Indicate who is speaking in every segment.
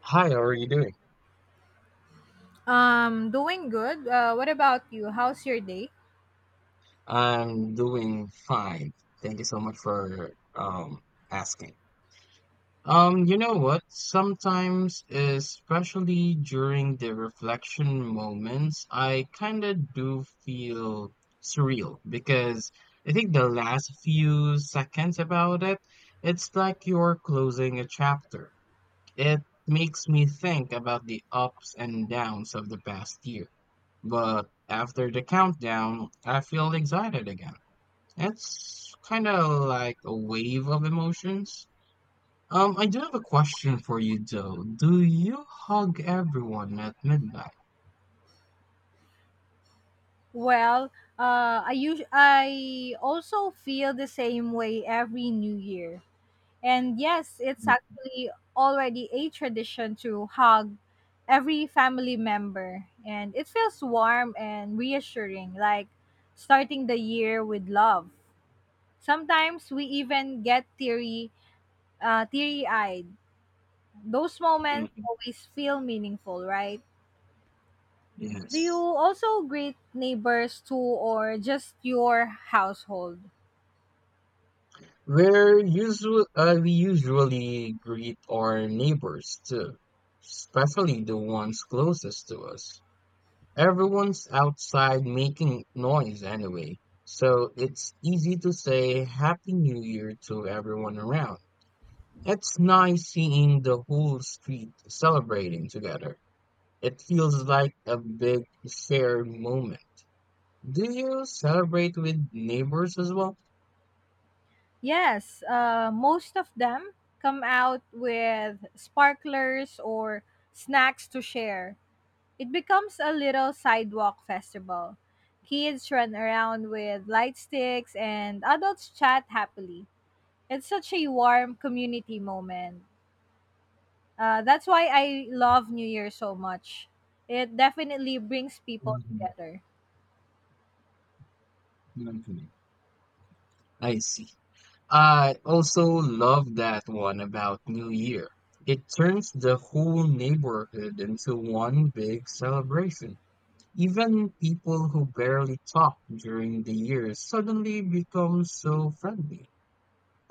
Speaker 1: Hi, how are you doing?
Speaker 2: Doing good. What about you? How's your day?
Speaker 1: I'm doing fine. Thank you so much for asking. You know what? Sometimes, especially during the reflection moments, I kind of do feel surreal because I think the last few seconds about it, it's like you're closing a chapter. It makes me think about the ups and downs of the past year. But after the countdown, I feel excited again. It's kind of like a wave of emotions. I do have a question for you though. Do you hug everyone at midnight?
Speaker 2: Well, I also feel the same way every New Year, and yes, it's actually already a tradition to hug every family member, and it feels warm and reassuring, like starting the year with love. Sometimes we even get teary eyed. Those moments
Speaker 1: Mhm.
Speaker 2: always feel meaningful, right? Do you
Speaker 1: Yes.
Speaker 2: also greet neighbors too, or just your household?
Speaker 1: We usually greet our neighbors too, especially the ones closest to us. Everyone's outside making noise anyway, so it's easy to say Happy New Year to everyone around. It's nice seeing the whole street celebrating together. It feels like a big shared moment. Do you celebrate with neighbors as well?
Speaker 2: Yes, most of them come out with sparklers or snacks to share. It becomes a little sidewalk festival. Kids run around with light sticks, and adults chat happily. It's such a warm community moment. That's why I love New Year so much. It definitely brings people
Speaker 1: Mhm.
Speaker 2: together.
Speaker 1: Okay. I see. I also love that one about New Year. It turns the whole neighborhood into one big celebration. Even people who barely talk during the year suddenly become so friendly.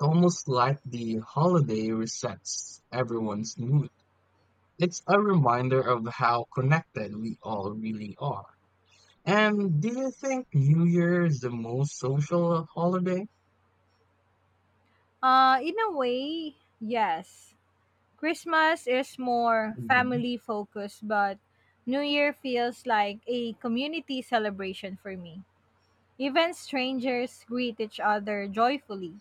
Speaker 1: Almost like the holiday resets everyone's mood. It's a reminder of how connected we all really are. And do you think New Year is the most social holiday?
Speaker 2: In a way, yes. Christmas is more
Speaker 1: Mhm.
Speaker 2: family focused, but New Year feels like a community celebration for me. Even strangers greet each other joyfully.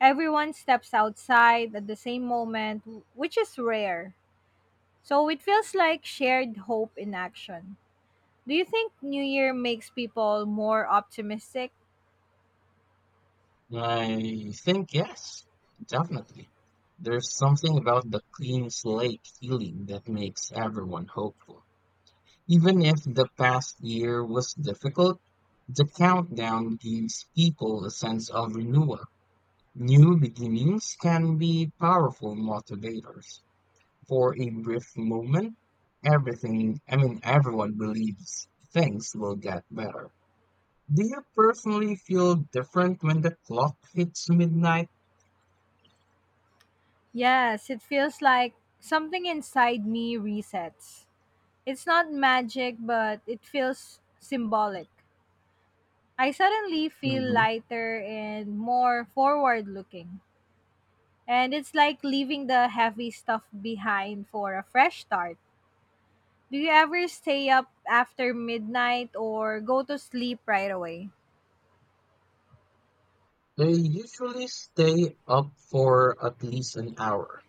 Speaker 2: Everyone steps outside at the same moment, which is rare. So it feels like shared hope in action. Do you think New Year makes people more optimistic?
Speaker 1: I think yes, definitely. There's something about the clean slate feeling that makes everyone hopeful. Even if the past year was difficult, the countdown gives people a sense of renewal. New beginnings can be powerful motivators. For a brief moment, everyone believes things will get better. Do you personally feel different when the clock hits midnight?
Speaker 2: Yes, it feels like something inside me resets. It's not magic, but it feels symbolic. I suddenly feel
Speaker 1: Hmm.
Speaker 2: lighter and more forward looking. And it's like leaving the heavy stuff behind for a fresh start. Do you ever stay up after midnight or go to sleep right away?
Speaker 1: I usually stay up for at least an hour.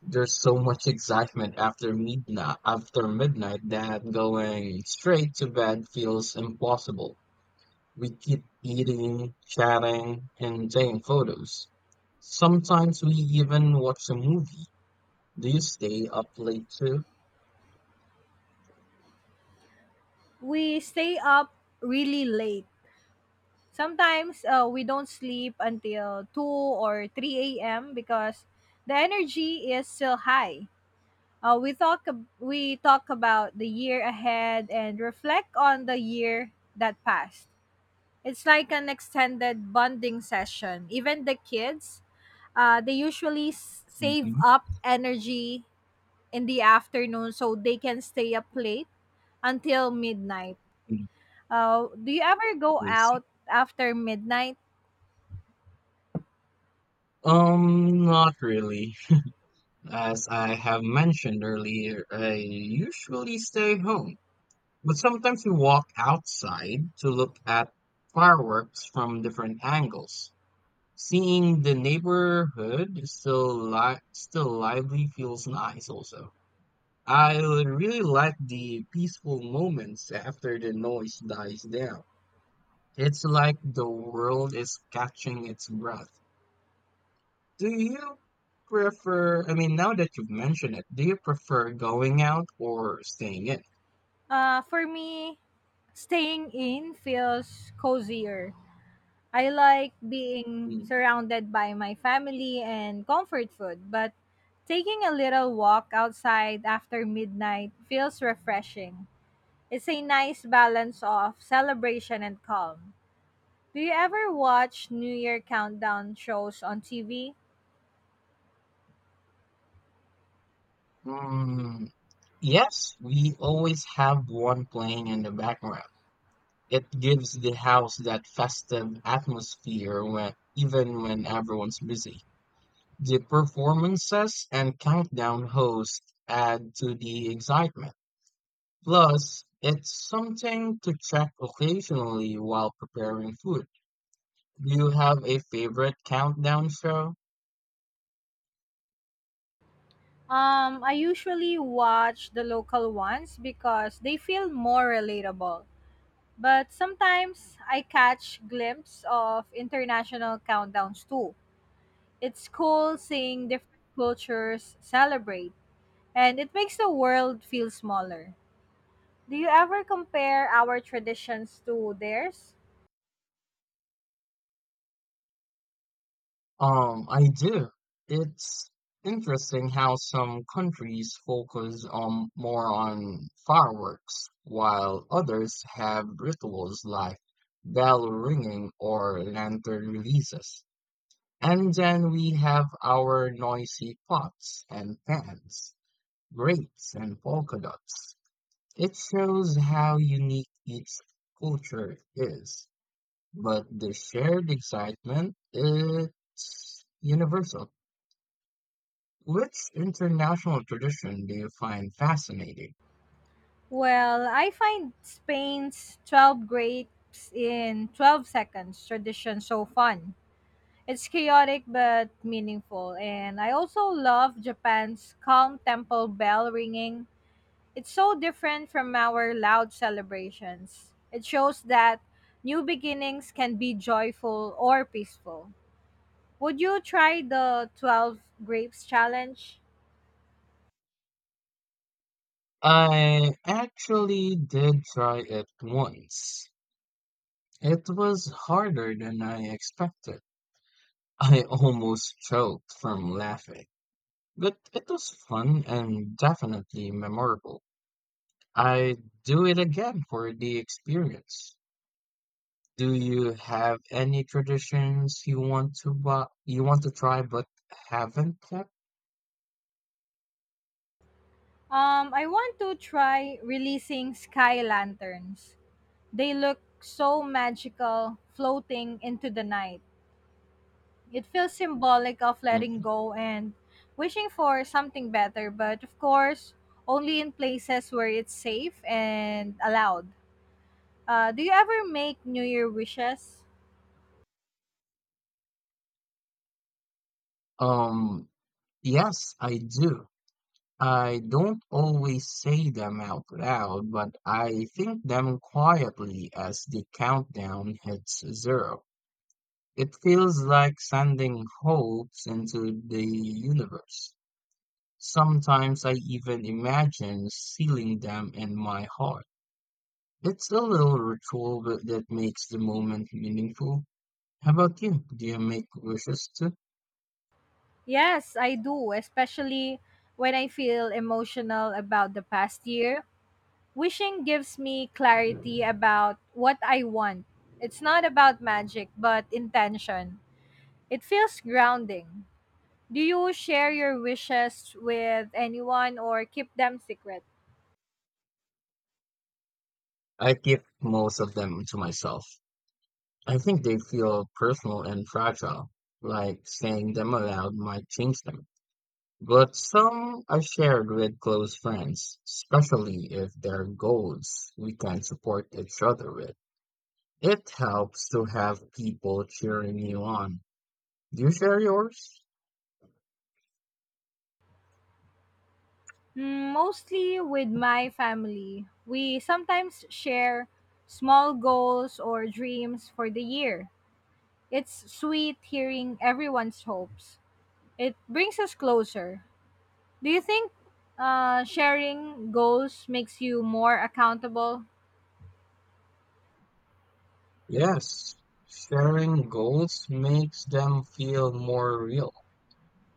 Speaker 1: There's so much excitement after midnight that going straight to bed feels impossible. We keep eating, chatting, and taking photos. Sometimes we even watch a movie. Do you stay up late too?
Speaker 2: We stay up really late. Sometimes we don't sleep until 2 or 3 a.m. because the energy is still high. We talk about the year ahead and reflect on the year that passed. It's like an extended bonding session. Even the kids, they usually save
Speaker 1: Mhm.
Speaker 2: up energy in the afternoon so they can stay up late until midnight.
Speaker 1: Mm,
Speaker 2: Do you ever go
Speaker 1: I see.
Speaker 2: out after midnight?
Speaker 1: Not really. As I have mentioned earlier, I usually stay home. But sometimes we walk outside to look at fireworks from different angles. Seeing the neighborhood is still lively feels nice also. I would really like the peaceful moments after the noise dies down. It's like the world is catching its breath. Do you prefer, I mean, Now that you've mentioned it, do you prefer going out or staying in?
Speaker 2: For me, staying in feels cozier. I like being
Speaker 1: Mm.
Speaker 2: surrounded by my family and comfort food, but taking a little walk outside after midnight feels refreshing. It's a nice balance of celebration and calm. Do you ever watch New Year countdown shows on TV?
Speaker 1: Mm, yes, we always have one playing in the background. It gives the house that festive atmosphere even when everyone's busy. The performances and countdown hosts add to the excitement. Plus, it's something to check occasionally while preparing food. Do you have a favorite countdown show?
Speaker 2: I usually watch the local ones because they feel more relatable. But sometimes I catch glimpses of international countdowns too. It's cool seeing different cultures celebrate, and it makes the world feel smaller. Do you ever compare our traditions to theirs?
Speaker 1: I do. It's interesting how some countries focus more on fireworks, while others have rituals like bell ringing or lantern releases. And then we have our noisy pots and pans, grapes and polka dots. It shows how unique each culture is, but the shared excitement is universal. Which international tradition do you find fascinating?
Speaker 2: Well, I find Spain's 12 grapes in 12 seconds tradition so fun. It's chaotic but meaningful, and I also love Japan's calm temple bell ringing. It's so different from our loud celebrations. It shows that new beginnings can be joyful or peaceful. Would you try the 12 grapes challenge?
Speaker 1: I actually did try it once. It was harder than I expected. I almost choked from laughing, but it was fun and definitely memorable. I do it again for the experience. Do you have any traditions you want to try but haven't kept?
Speaker 2: I want to try releasing sky lanterns. They look so magical floating into the night. It feels symbolic of letting
Speaker 1: Mhm.
Speaker 2: go and wishing for something better, but of course, only in places where it's safe and allowed. Do you ever make New Year wishes?
Speaker 1: Um, yes, I do. I don't always say them out loud, but I think them quietly as the countdown hits zero. It feels like sending hopes into the universe. Sometimes I even imagine sealing them in my heart. It's a little ritual that makes the moment meaningful. How about you? Do you make wishes too?
Speaker 2: Yes, I do, especially when I feel emotional about the past year. Wishing gives me clarity about what I want. It's not about magic, but intention. It feels grounding. Do you share your wishes with anyone or keep them secret?
Speaker 1: I keep most of them to myself. I think they feel personal and fragile, like saying them aloud might change them. But some are shared with close friends, especially if their goals we can support each other with. It helps to have people cheering you on. Do you share yours?
Speaker 2: Mm, mostly with my family. We sometimes share small goals or dreams for the year. It's sweet hearing everyone's hopes. It brings us closer. Do you think sharing goals makes you more accountable?
Speaker 1: Yes, sharing goals makes them feel more real.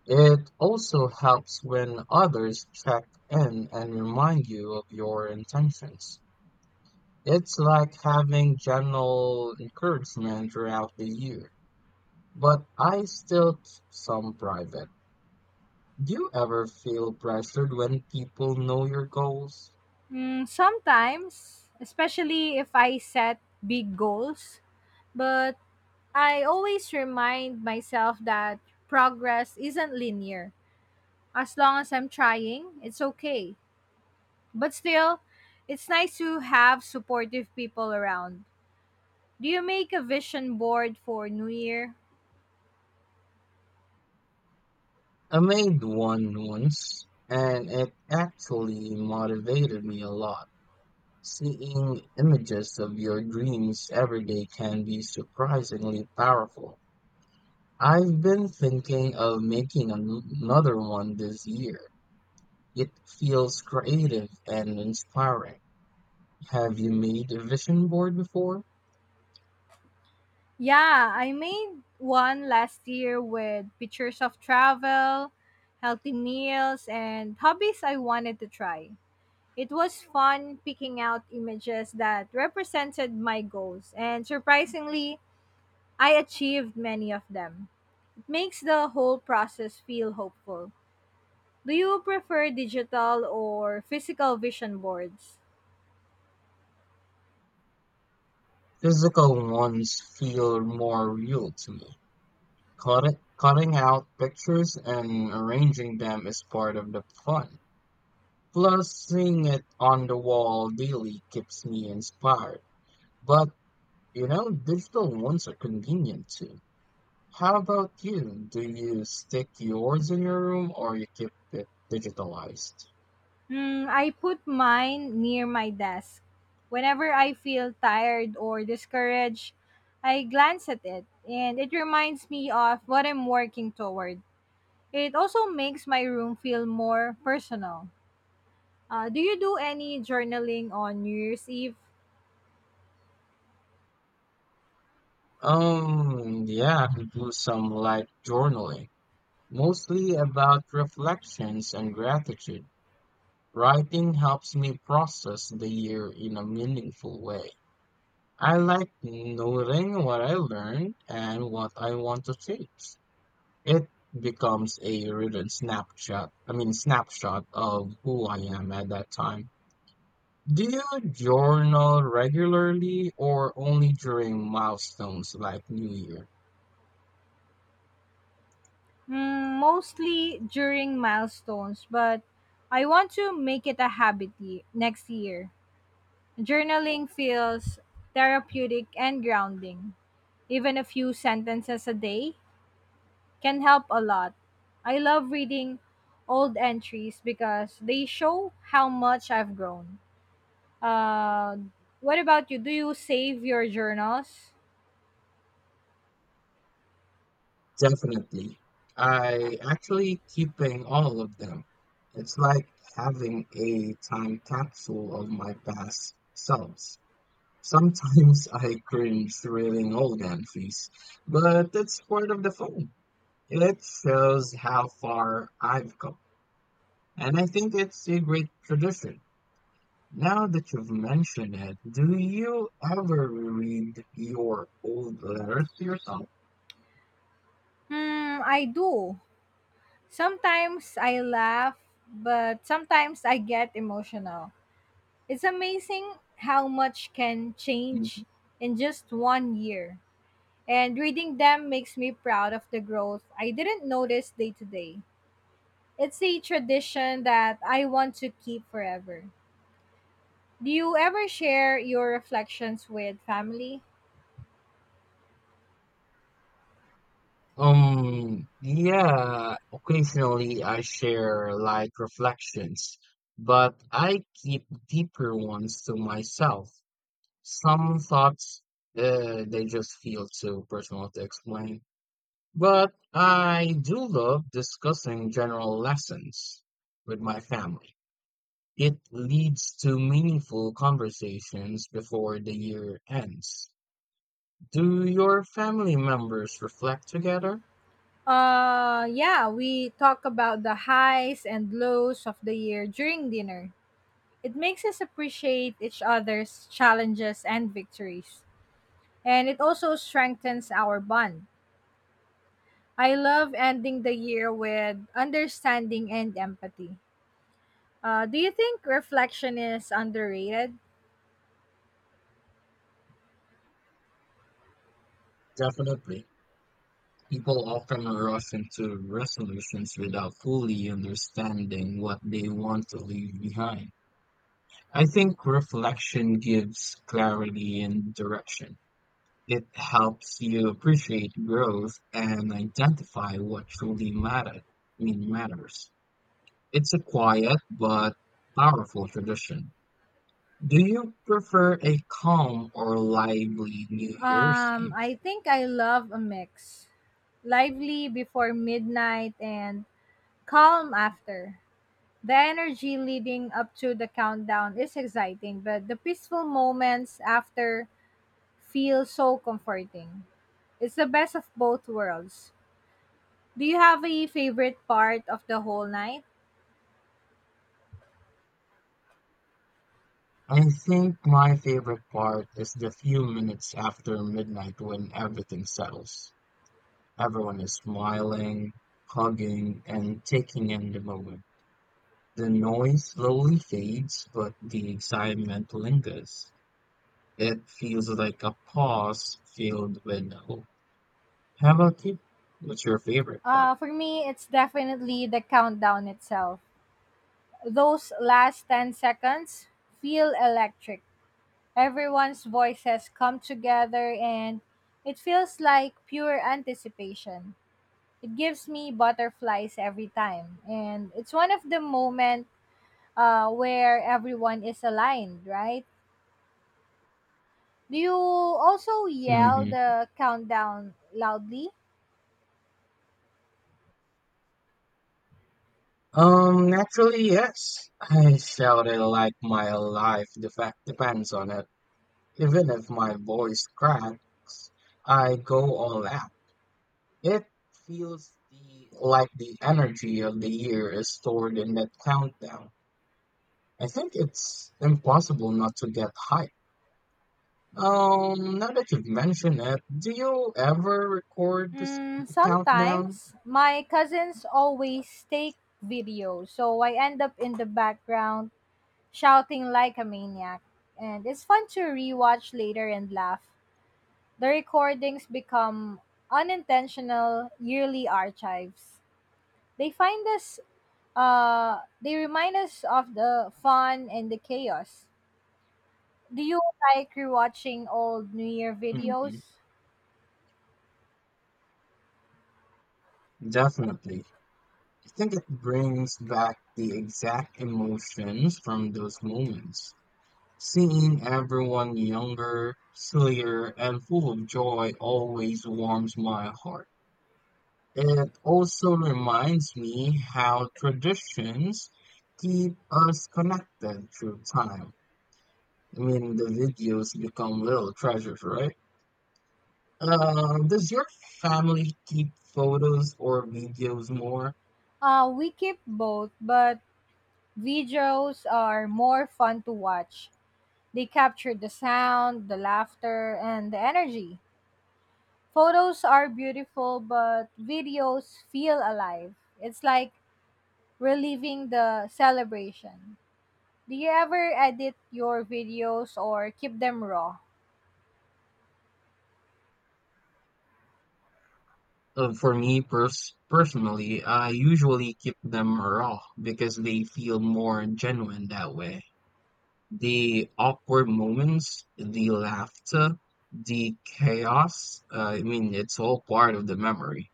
Speaker 1: It also helps when others check in and remind you of your intentions. It's like having general encouragement throughout the year, but I still keep some private. Do you ever feel pressured when people know your goals?
Speaker 2: Mm, sometimes, especially if I set big goals. But I always remind myself that progress isn't linear. As long as I'm trying, it's okay. But still, it's nice to have supportive people around. Do you make a vision board for New Year?
Speaker 1: I made one once, and it actually motivated me a lot. Seeing images of your dreams every day can be surprisingly powerful. I've been thinking of another one this year. It feels creative and inspiring. Have you made a vision board before?
Speaker 2: Yeah, I made one last year with pictures of travel, healthy meals, and hobbies I wanted to try. It was fun picking out images that represented my goals, and surprisingly, I achieved many of them. It makes the whole process feel hopeful. Do you prefer digital or physical vision boards?
Speaker 1: Physical ones feel more real to me. Cutting out pictures and arranging them is part of the fun. Plus, seeing it on the wall daily keeps me inspired. But you know, digital ones are convenient too. How about you? Do you stick yours in your room or you keep it digitalized?
Speaker 2: Hmm, I put mine near my desk. Whenever I feel tired or discouraged, I glance at it and it reminds me of what I'm working toward. It also makes my room feel more personal. Do you do any journaling on New Year's Eve?
Speaker 1: Yeah, I do some light journaling, mostly about reflections and gratitude. Writing helps me process the year in a meaningful way. I like noting what I learned and what I want to change. It becomes a written snapshot, I mean snapshot of who I am at that time. Do you journal regularly or only during milestones like New Year?
Speaker 2: Hmm, mostly during milestones, but I want to make it a habit next year. Journaling feels therapeutic and grounding. Even a few sentences a day can help a lot. I love reading old entries because they show how much I've grown. Uh, what about you? Do you save your journals?
Speaker 1: Definitely. I actually keeping all of them. It's like having a time capsule of my past selves. Sometimes I cringe reading old entries, but that's part of the fun. It shows how far I've come. And I think it's a great tradition. Now that you've mentioned it, do you ever read your old letters to yourself?
Speaker 2: Hmm, I do. Sometimes I laugh, but sometimes I get emotional. It's amazing how much can change
Speaker 1: Mhm.
Speaker 2: in just one year. And reading them makes me proud of the growth I didn't notice day to day. It's a tradition that I want to keep forever. Do you ever share your reflections with family?
Speaker 1: Yeah, occasionally I share light reflections, but I keep deeper ones to myself. Some thoughts, they just feel too personal to explain. But I do love discussing general lessons with my family. It leads to meaningful conversations before the year ends. Do your family members reflect together?
Speaker 2: Yeah, we talk about the highs and lows of the year during dinner. It makes us appreciate each other's challenges and victories, and it also strengthens our bond. I love ending the year with understanding and empathy. Do you think reflection is underrated?
Speaker 1: Definitely. People often rush into resolutions without fully understanding what they want to leave behind. I think reflection gives clarity and direction. It helps you appreciate growth and identify what truly matter, I mean, matters. It's a quiet but powerful tradition. Do you prefer a calm or lively New Year's Eve?
Speaker 2: I think I love a mix. Lively before midnight and calm after. The energy leading up to the countdown is exciting, but the peaceful moments after feel so comforting. It's the best of both worlds. Do you have a favorite part of the whole night?
Speaker 1: I think my favorite part is the few minutes after midnight when everything settles. Everyone is smiling, hugging, and taking in the moment. The noise slowly fades, but the excitement lingers. It feels like a pause filled with hope. How about you? What's your favorite part?
Speaker 2: For me, it's definitely the countdown itself. Those last 10 seconds feel electric. Everyone's voices come together and it feels like pure anticipation. It gives me butterflies every time. And it's one of the moments where everyone is aligned, right? Do you also yell
Speaker 1: Hmm.
Speaker 2: the countdown loudly?
Speaker 1: Naturally, yes. I shout it like depends on it. Even if my voice cracks, I go all out. It feels the like the energy of the year is stored in that countdown. I think it's impossible not to get hyped. Now that you've mentioned it, do you ever record this,
Speaker 2: Mm,
Speaker 1: the countdown?
Speaker 2: sometimes. My cousins always take video, so I end up in the background shouting like a maniac. And it's fun to rewatch later and laugh. The recordings become unintentional yearly archives. They find us they remind us of the fun and the chaos. Do you like rewatching old New Year
Speaker 1: Mhm.
Speaker 2: videos?
Speaker 1: Definitely. I think it brings back the exact emotions from those moments. Seeing everyone younger, sillier, and full of joy always warms my heart. It also reminds me how traditions keep us connected through time. I mean, the videos become little treasures, right? Does your family keep photos or videos more?
Speaker 2: We keep both, but videos are more fun to watch. They capture the sound, the laughter, and the energy. Photos are beautiful, but videos feel alive. It's like reliving the celebration. Do you ever edit your videos or keep them raw?
Speaker 1: For me, personally, I usually keep them raw because they feel more genuine that way. The awkward moments, the laughter, the chaos, it's all part of the memory.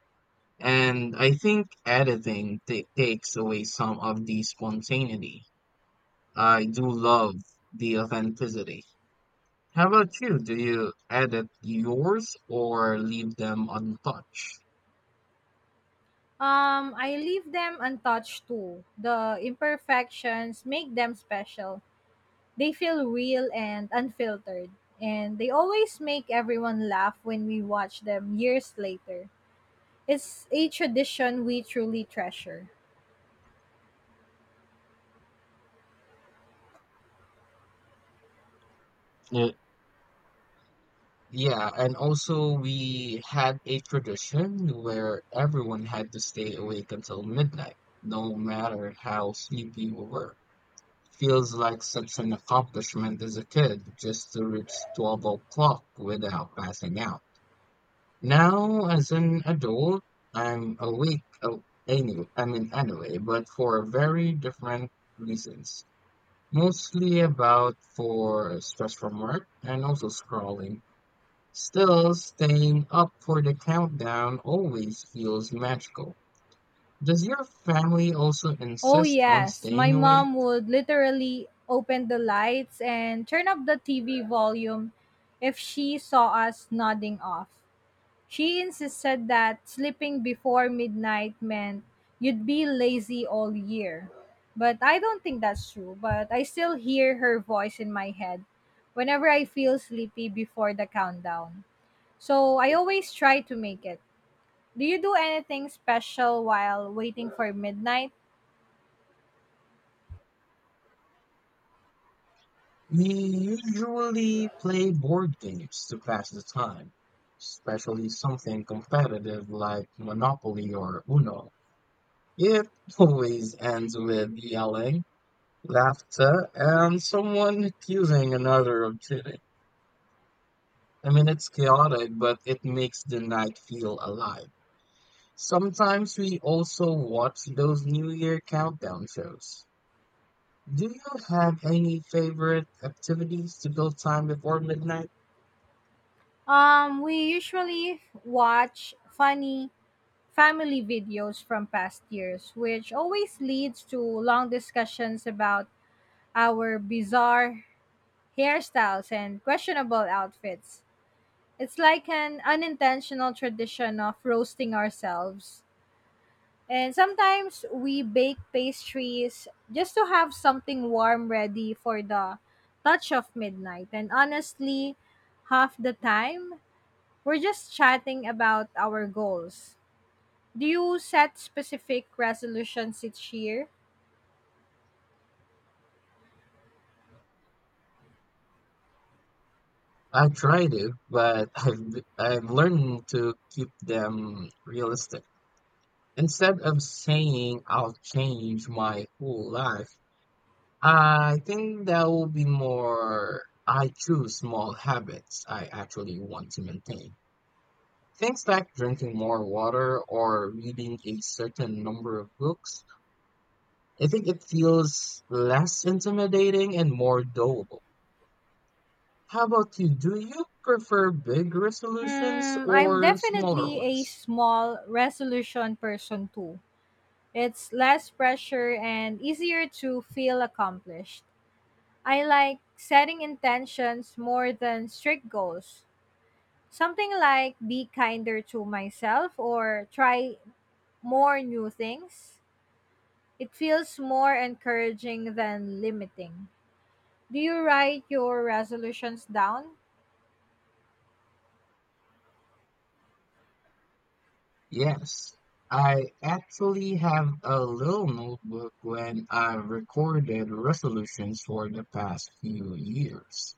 Speaker 1: And I think takes away some of the spontaneity. I do love the authenticity. How about you? Do you edit yours or leave them untouched?
Speaker 2: I leave them untouched too. The imperfections make them special. They feel real and unfiltered, and they always make everyone laugh when we watch them years later. It's a tradition we truly treasure.
Speaker 1: Uh, yeah, and also we had a tradition where everyone had to stay awake until midnight, no matter how sleepy we were. Feels like such an accomplishment as a kid just to reach 12 o'clock without passing out. Now, as an adult, I'm awake, anyway, but for very different reasons. Mostly about for stress from work and also scrolling. Still, staying up for the countdown always feels magical. Does your family also
Speaker 2: Oh,
Speaker 1: insist on
Speaker 2: yes, my
Speaker 1: staying awake?
Speaker 2: mom would literally open the lights and turn up the TV volume if she saw us nodding off. She insisted that sleeping before midnight meant you'd be lazy all year. But I don't think that's true, but I still hear her voice in my head whenever I feel sleepy before the countdown. So I always try to make it. Do you do anything special while waiting for midnight?
Speaker 1: We usually play board games to pass the time, especially something competitive like Monopoly or Uno. It always ends with yelling, laughter, and someone accusing another of cheating. I mean, it's chaotic, but it makes the night feel alive. Sometimes we also watch those New Year countdown shows. Do you have any favorite activities to kill time before midnight?
Speaker 2: We usually watch funny family videos from past years, which always leads to long discussions about our bizarre hairstyles, and questionable outfits. It's like an unintentional tradition of roasting ourselves. And sometimes we bake pastries just to have something warm ready for the touch of midnight. And honestly, half the time, we're just chatting about our goals. Do you set specific resolutions each year?
Speaker 1: I try to, but I've learned to keep them realistic. Instead of saying I'll change my whole life, I think that will be more I choose small habits I actually want to maintain. Things like drinking more water or reading a certain number of books, I think it feels less intimidating and more doable. How about you? Do you prefer big resolutions
Speaker 2: Hmm, I'm
Speaker 1: or smaller
Speaker 2: definitely a
Speaker 1: ones?
Speaker 2: small resolution person too. It's less pressure and easier to feel accomplished. I like setting intentions more than strict goals. Something like be kinder to myself or try more new things. It feels more encouraging than limiting. Do you write your resolutions down?
Speaker 1: Yes, I actually have a little notebook when I recorded resolutions for the past few years.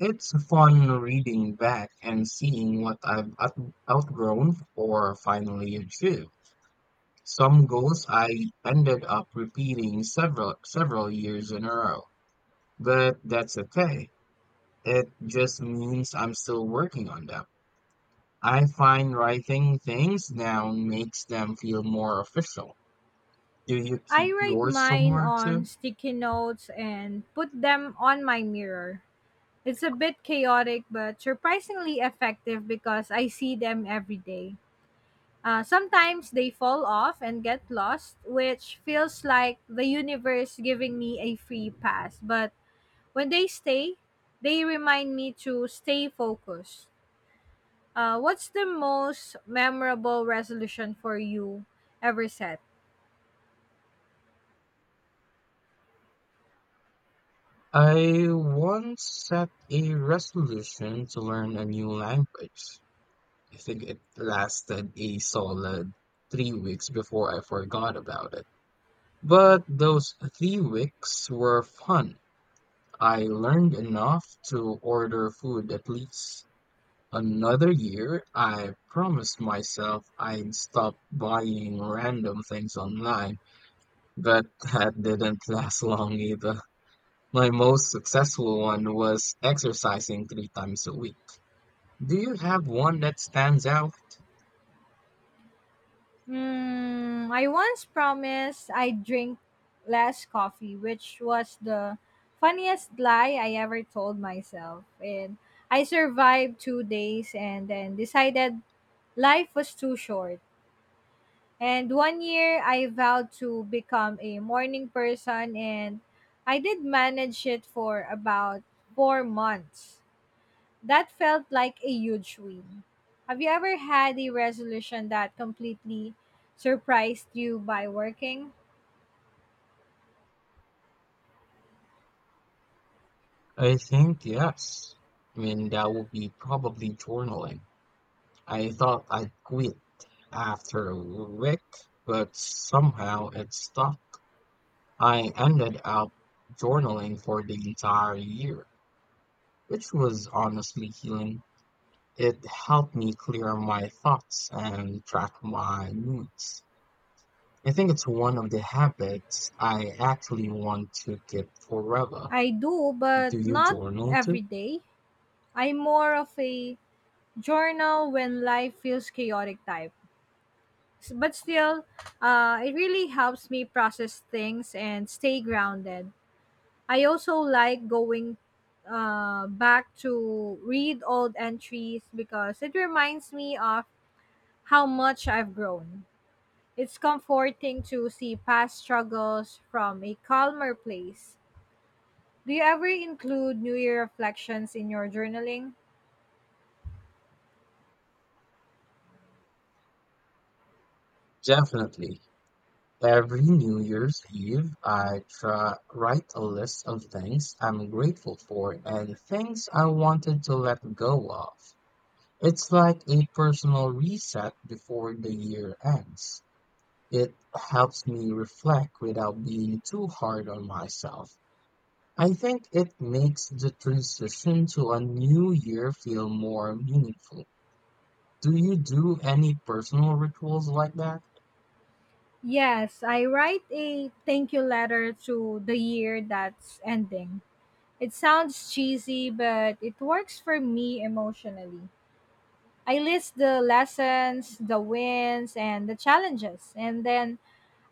Speaker 1: It's fun reading back and seeing what I've outgrown or finally achieved. Some goals I ended up repeating several years in a row, but that's okay. It just means I'm still working on them. I find writing things down makes them feel more official. Do you
Speaker 2: I
Speaker 1: keep
Speaker 2: write
Speaker 1: yours
Speaker 2: mine
Speaker 1: somewhere
Speaker 2: on
Speaker 1: too?
Speaker 2: sticky notes and put them on my mirror. It's a bit chaotic but surprisingly effective because I see them every day. Sometimes they fall off and get lost, which feels like the universe giving me a free pass. But when they stay, they remind me to stay focused. What's the most memorable resolution for you ever set?
Speaker 1: I once set a resolution to learn a new language. I think it lasted a solid three weeks before I forgot about it. But those three weeks were fun. I learned enough to order food at least. Another year, I promised myself I'd stop buying random things online, but that didn't last long either. My most successful one was exercising three times a week. Do you have one that stands out?
Speaker 2: Hmm, I once promised I'd drink less coffee, which was the funniest lie I ever told myself. And I survived 2 days and then decided life was too short. And one year I vowed to become a morning person, and I did manage it for about 4 months. That felt like a huge win. Have you ever had a resolution that completely surprised you by working?
Speaker 1: I think yes. I mean, that would be probably journaling. I thought I'd quit after a week, but somehow it stuck. I ended up journaling for the entire year, which was honestly healing. It helped me clear my thoughts and track my moods. I think it's one of the habits I actually want to keep forever.
Speaker 2: I do, but
Speaker 1: Do you
Speaker 2: not
Speaker 1: journal too?
Speaker 2: every day. I'm more of a journal when life feels chaotic type. But still, it really helps me process things and stay grounded. I also like going back to read old entries because it reminds me of how much I've grown. It's comforting to see past struggles from a calmer place. Do you ever include New Year reflections in your journaling?
Speaker 1: Definitely. Every New Year's Eve, I try write a list of things I'm grateful for and things I wanted to let go of. It's like a personal reset before the year ends. It helps me reflect without being too hard on myself. I think it makes the transition to a new year feel more meaningful. Do you do any personal rituals like that?
Speaker 2: Yes, I write a thank you letter to the year that's ending. It sounds cheesy, but it works for me emotionally. I list the lessons, the wins, and the challenges, and then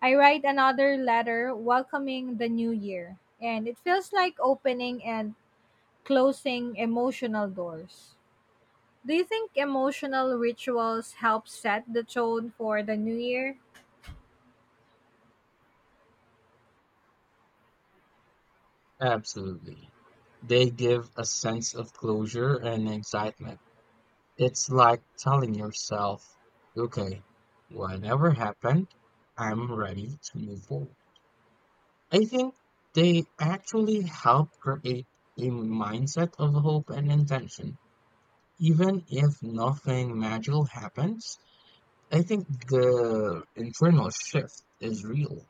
Speaker 2: I write another letter welcoming the new year. And it feels like opening and closing emotional doors. Do you think emotional rituals help set the tone for the new year?
Speaker 1: Absolutely. They give a sense of closure and excitement. It's like telling yourself, okay, whatever happened, I'm ready to move forward. I think they actually help create a mindset of hope and intention. Even if nothing magical happens, I think the internal shift is real.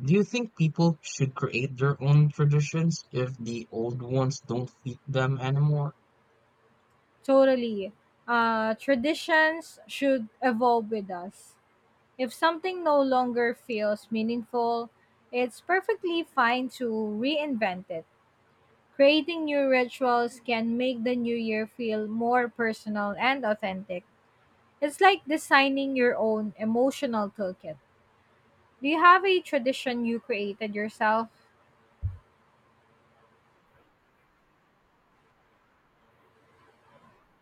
Speaker 1: Do you think people should create their own traditions if the old ones don't fit them anymore?
Speaker 2: Totally. Traditions should evolve with us. If something no longer feels meaningful, it's perfectly fine to reinvent it. Creating new rituals can make the new year feel more personal and authentic. It's like designing your own emotional toolkit. Do you have a tradition you created yourself?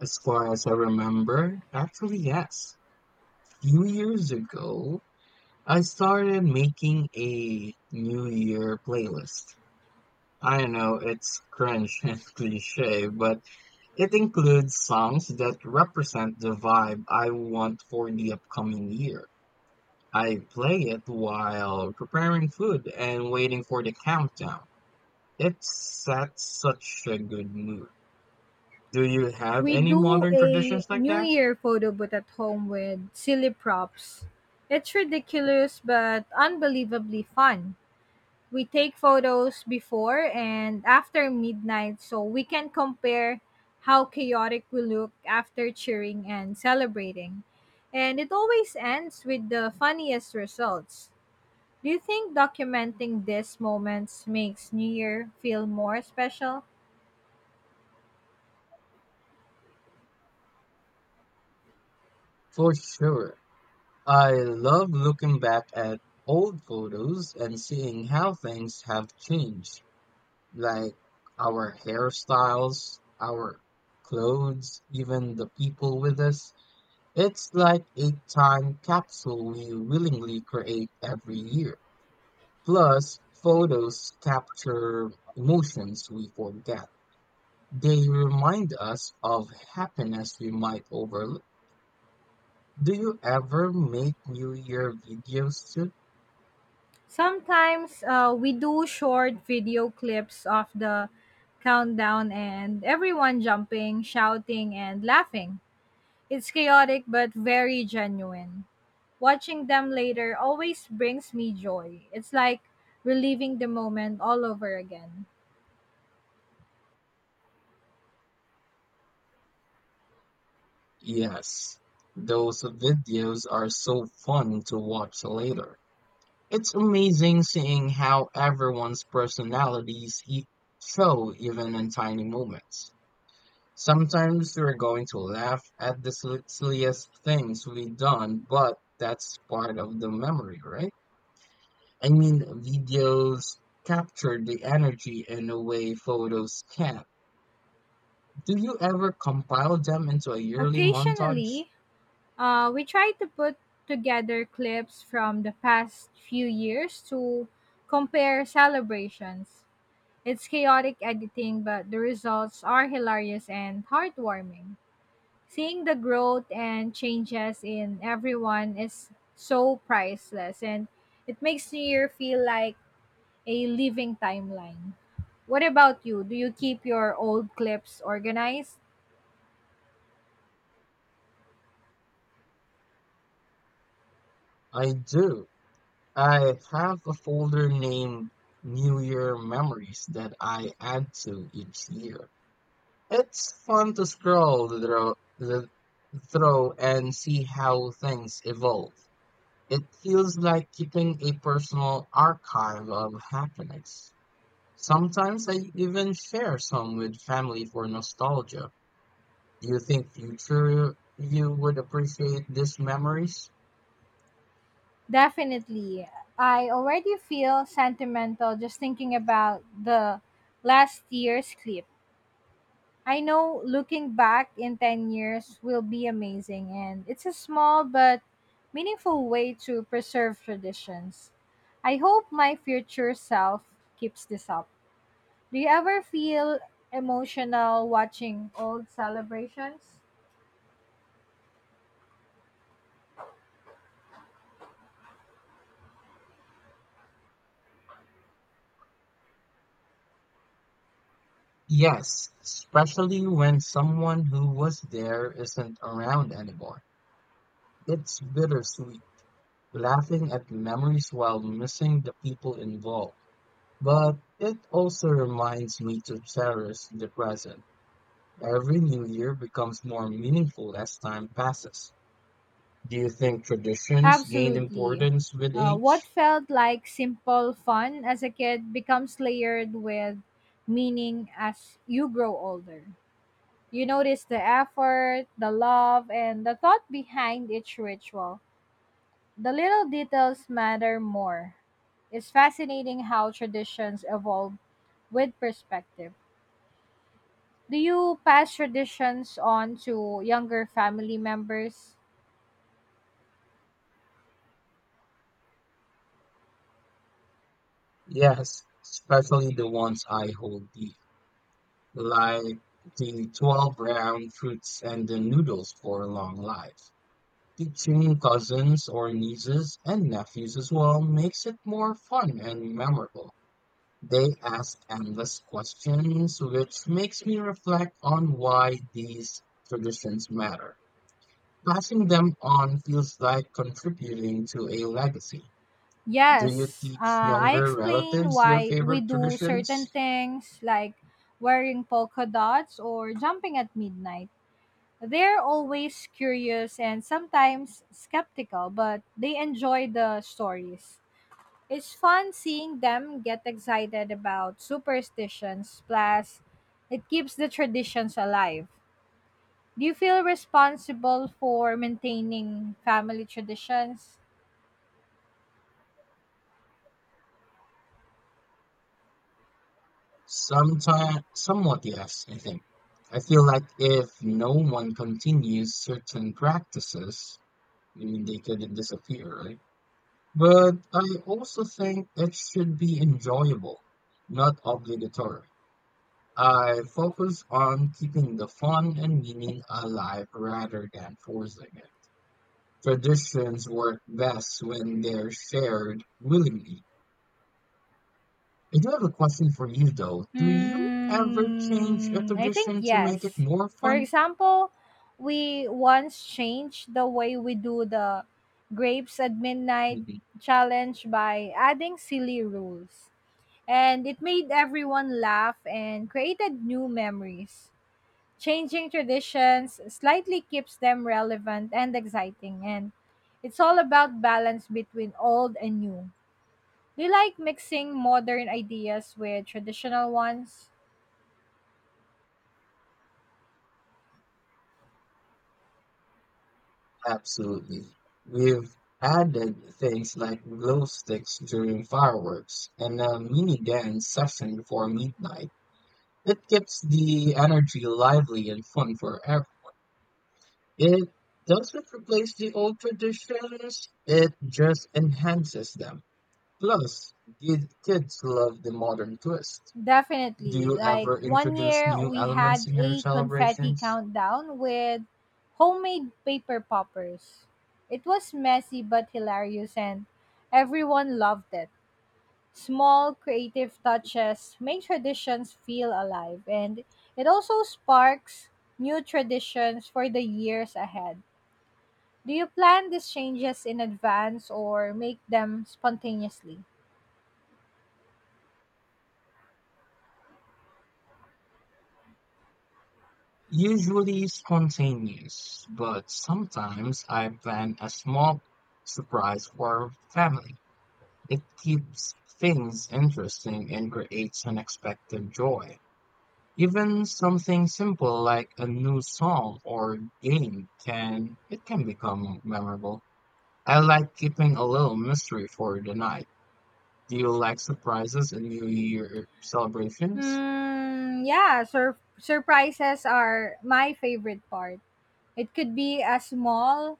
Speaker 1: As far as I remember, actually, yes. Few years ago, I started making a New Year playlist. I know it's cringe and cliche, but it includes songs that represent the vibe I want for the upcoming year. I play it while preparing food and waiting for the countdown. It sets such a good mood. Do you have
Speaker 2: We
Speaker 1: any
Speaker 2: do
Speaker 1: modern traditions
Speaker 2: a
Speaker 1: like
Speaker 2: New
Speaker 1: that?
Speaker 2: Year photo booth at home with silly props. It's ridiculous but unbelievably fun. We take photos before and after midnight so we can compare how chaotic we look after cheering and celebrating. And it always ends with the funniest results. Do you think documenting these moments makes New Year feel more special?
Speaker 1: For sure. I love looking back at old photos and seeing how things have changed, like our hairstyles, our clothes, even the people with us. It's like a time capsule we willingly create every year. Plus, photos capture emotions we forget. They remind us of happiness we might overlook. Do you ever make New Year videos too?
Speaker 2: Sometimes we do short video clips of the countdown and everyone jumping, shouting, and laughing. It's chaotic but very genuine. Watching them later always brings me joy. It's like reliving the moment all over again.
Speaker 1: Yes. Those videos are so fun to watch later. It's amazing seeing how everyone's personalities show even in tiny moments. Sometimes we're going to laugh at the silliest things we've done, but that's part of the memory, right? I mean, videos capture the energy in a way photos can't. Do you ever compile them into a yearly montage?
Speaker 2: Occasionally, we try to put together clips from the past few years to compare celebrations. It's chaotic editing, but the results are hilarious and heartwarming. Seeing the growth and changes in everyone is so priceless, and it makes New Year feel like a living timeline. What about you? Do you keep your old clips organized?
Speaker 1: I do. I have a folder named New Year Memories that I add to each year. It's fun to scroll through and see how things evolve. It feels like keeping a personal archive of happiness. Sometimes I even share some with family for nostalgia. Do you think future you would appreciate these memories?
Speaker 2: Definitely. I already feel sentimental just thinking about the last year's clip. I know looking back in 10 years will be amazing, and it's a small but meaningful way to preserve traditions. I hope my future self keeps this up. Do you ever feel emotional watching old celebrations?
Speaker 1: Yes, especially when someone who was there isn't around anymore. It's bittersweet, laughing at memories while missing the people involved. But it also reminds me to cherish the present. Every new year becomes more meaningful as time passes. Do you think traditions gain
Speaker 2: Absolutely.
Speaker 1: importance with
Speaker 2: What
Speaker 1: age?
Speaker 2: felt like simple fun as a kid becomes layered with meaning as you grow older. You notice the effort, the love, and the thought behind each ritual. The little details matter more. It's fascinating how traditions evolve with perspective. Do you pass traditions on to younger family members?
Speaker 1: Yes, especially the ones I hold dear, like the 12 brown fruits and the noodles for a long life. Teaching cousins or nieces and nephews as well makes it more fun and memorable. They ask endless questions, which makes me reflect on why these traditions matter. Passing them on feels like contributing to a legacy. Do you
Speaker 2: Yes,
Speaker 1: teach
Speaker 2: I
Speaker 1: younger
Speaker 2: explain
Speaker 1: relatives your
Speaker 2: why we
Speaker 1: favorite
Speaker 2: do certain
Speaker 1: traditions?
Speaker 2: things like wearing polka dots or jumping at midnight. They're always curious and sometimes skeptical, but they enjoy the stories. It's fun seeing them get excited about superstitions, plus, it keeps the traditions alive. Do you feel responsible for maintaining family traditions?
Speaker 1: Somewhat, yes, I think. I feel like if no one continues certain practices, I mean, they could disappear, right? But I also think it should be enjoyable, not obligatory. I focus on keeping the fun and meaning alive rather than forcing it. Traditions work best when they're shared willingly. I do have a question for you though. Do you ever change a
Speaker 2: Hmm, I think
Speaker 1: tradition to make it
Speaker 2: yes.
Speaker 1: more
Speaker 2: For
Speaker 1: fun?
Speaker 2: example, we once changed the way we do the grapes at midnight
Speaker 1: Mhm.
Speaker 2: challenge by adding silly rules. And it made everyone laugh and created new memories. Changing traditions slightly keeps them relevant and exciting, and it's all about balance between old and new. Do you like mixing modern ideas with traditional ones?
Speaker 1: Absolutely. We've added things like glow sticks during fireworks and a mini dance session before midnight. It keeps the energy lively and fun forever. It doesn't replace the old traditions, it just enhances them. Plus, kids love the modern twist. Do
Speaker 2: Definitely.
Speaker 1: you
Speaker 2: Like
Speaker 1: ever
Speaker 2: one
Speaker 1: introduce
Speaker 2: year
Speaker 1: new
Speaker 2: we
Speaker 1: elements
Speaker 2: had
Speaker 1: in your
Speaker 2: a confetti
Speaker 1: celebrations?
Speaker 2: countdown with homemade paper poppers. It was messy but hilarious and everyone loved it. Small creative touches make traditions feel alive and it also sparks new traditions for the years ahead. Do you plan these changes in advance or make them spontaneously?
Speaker 1: Usually spontaneous, but sometimes I plan a small surprise for family. It keeps things interesting and creates unexpected joy. Even something simple like a new song or game can it can become memorable. I like keeping a little mystery for the night. Do you like surprises in New Year celebrations?
Speaker 2: Hmm, yeah, surprises are my favorite part. It could be as small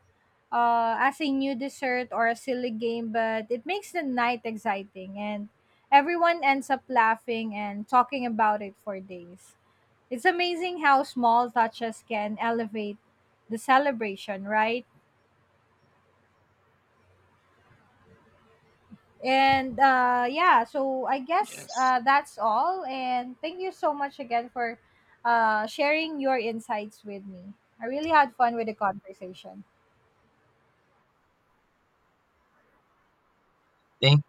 Speaker 2: as a new dessert or a silly game, but it makes the night exciting and everyone ends up laughing and talking about it for days. It's amazing how small touches can elevate the celebration, right? And yeah, so I guess
Speaker 1: Yes.
Speaker 2: that's all. And thank you so much again for sharing your insights with me. I really had fun with the conversation.
Speaker 1: Thank,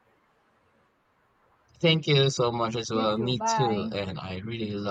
Speaker 1: thank you so much as
Speaker 2: You
Speaker 1: well.
Speaker 2: too.
Speaker 1: Me too.
Speaker 2: Bye.
Speaker 1: And I really love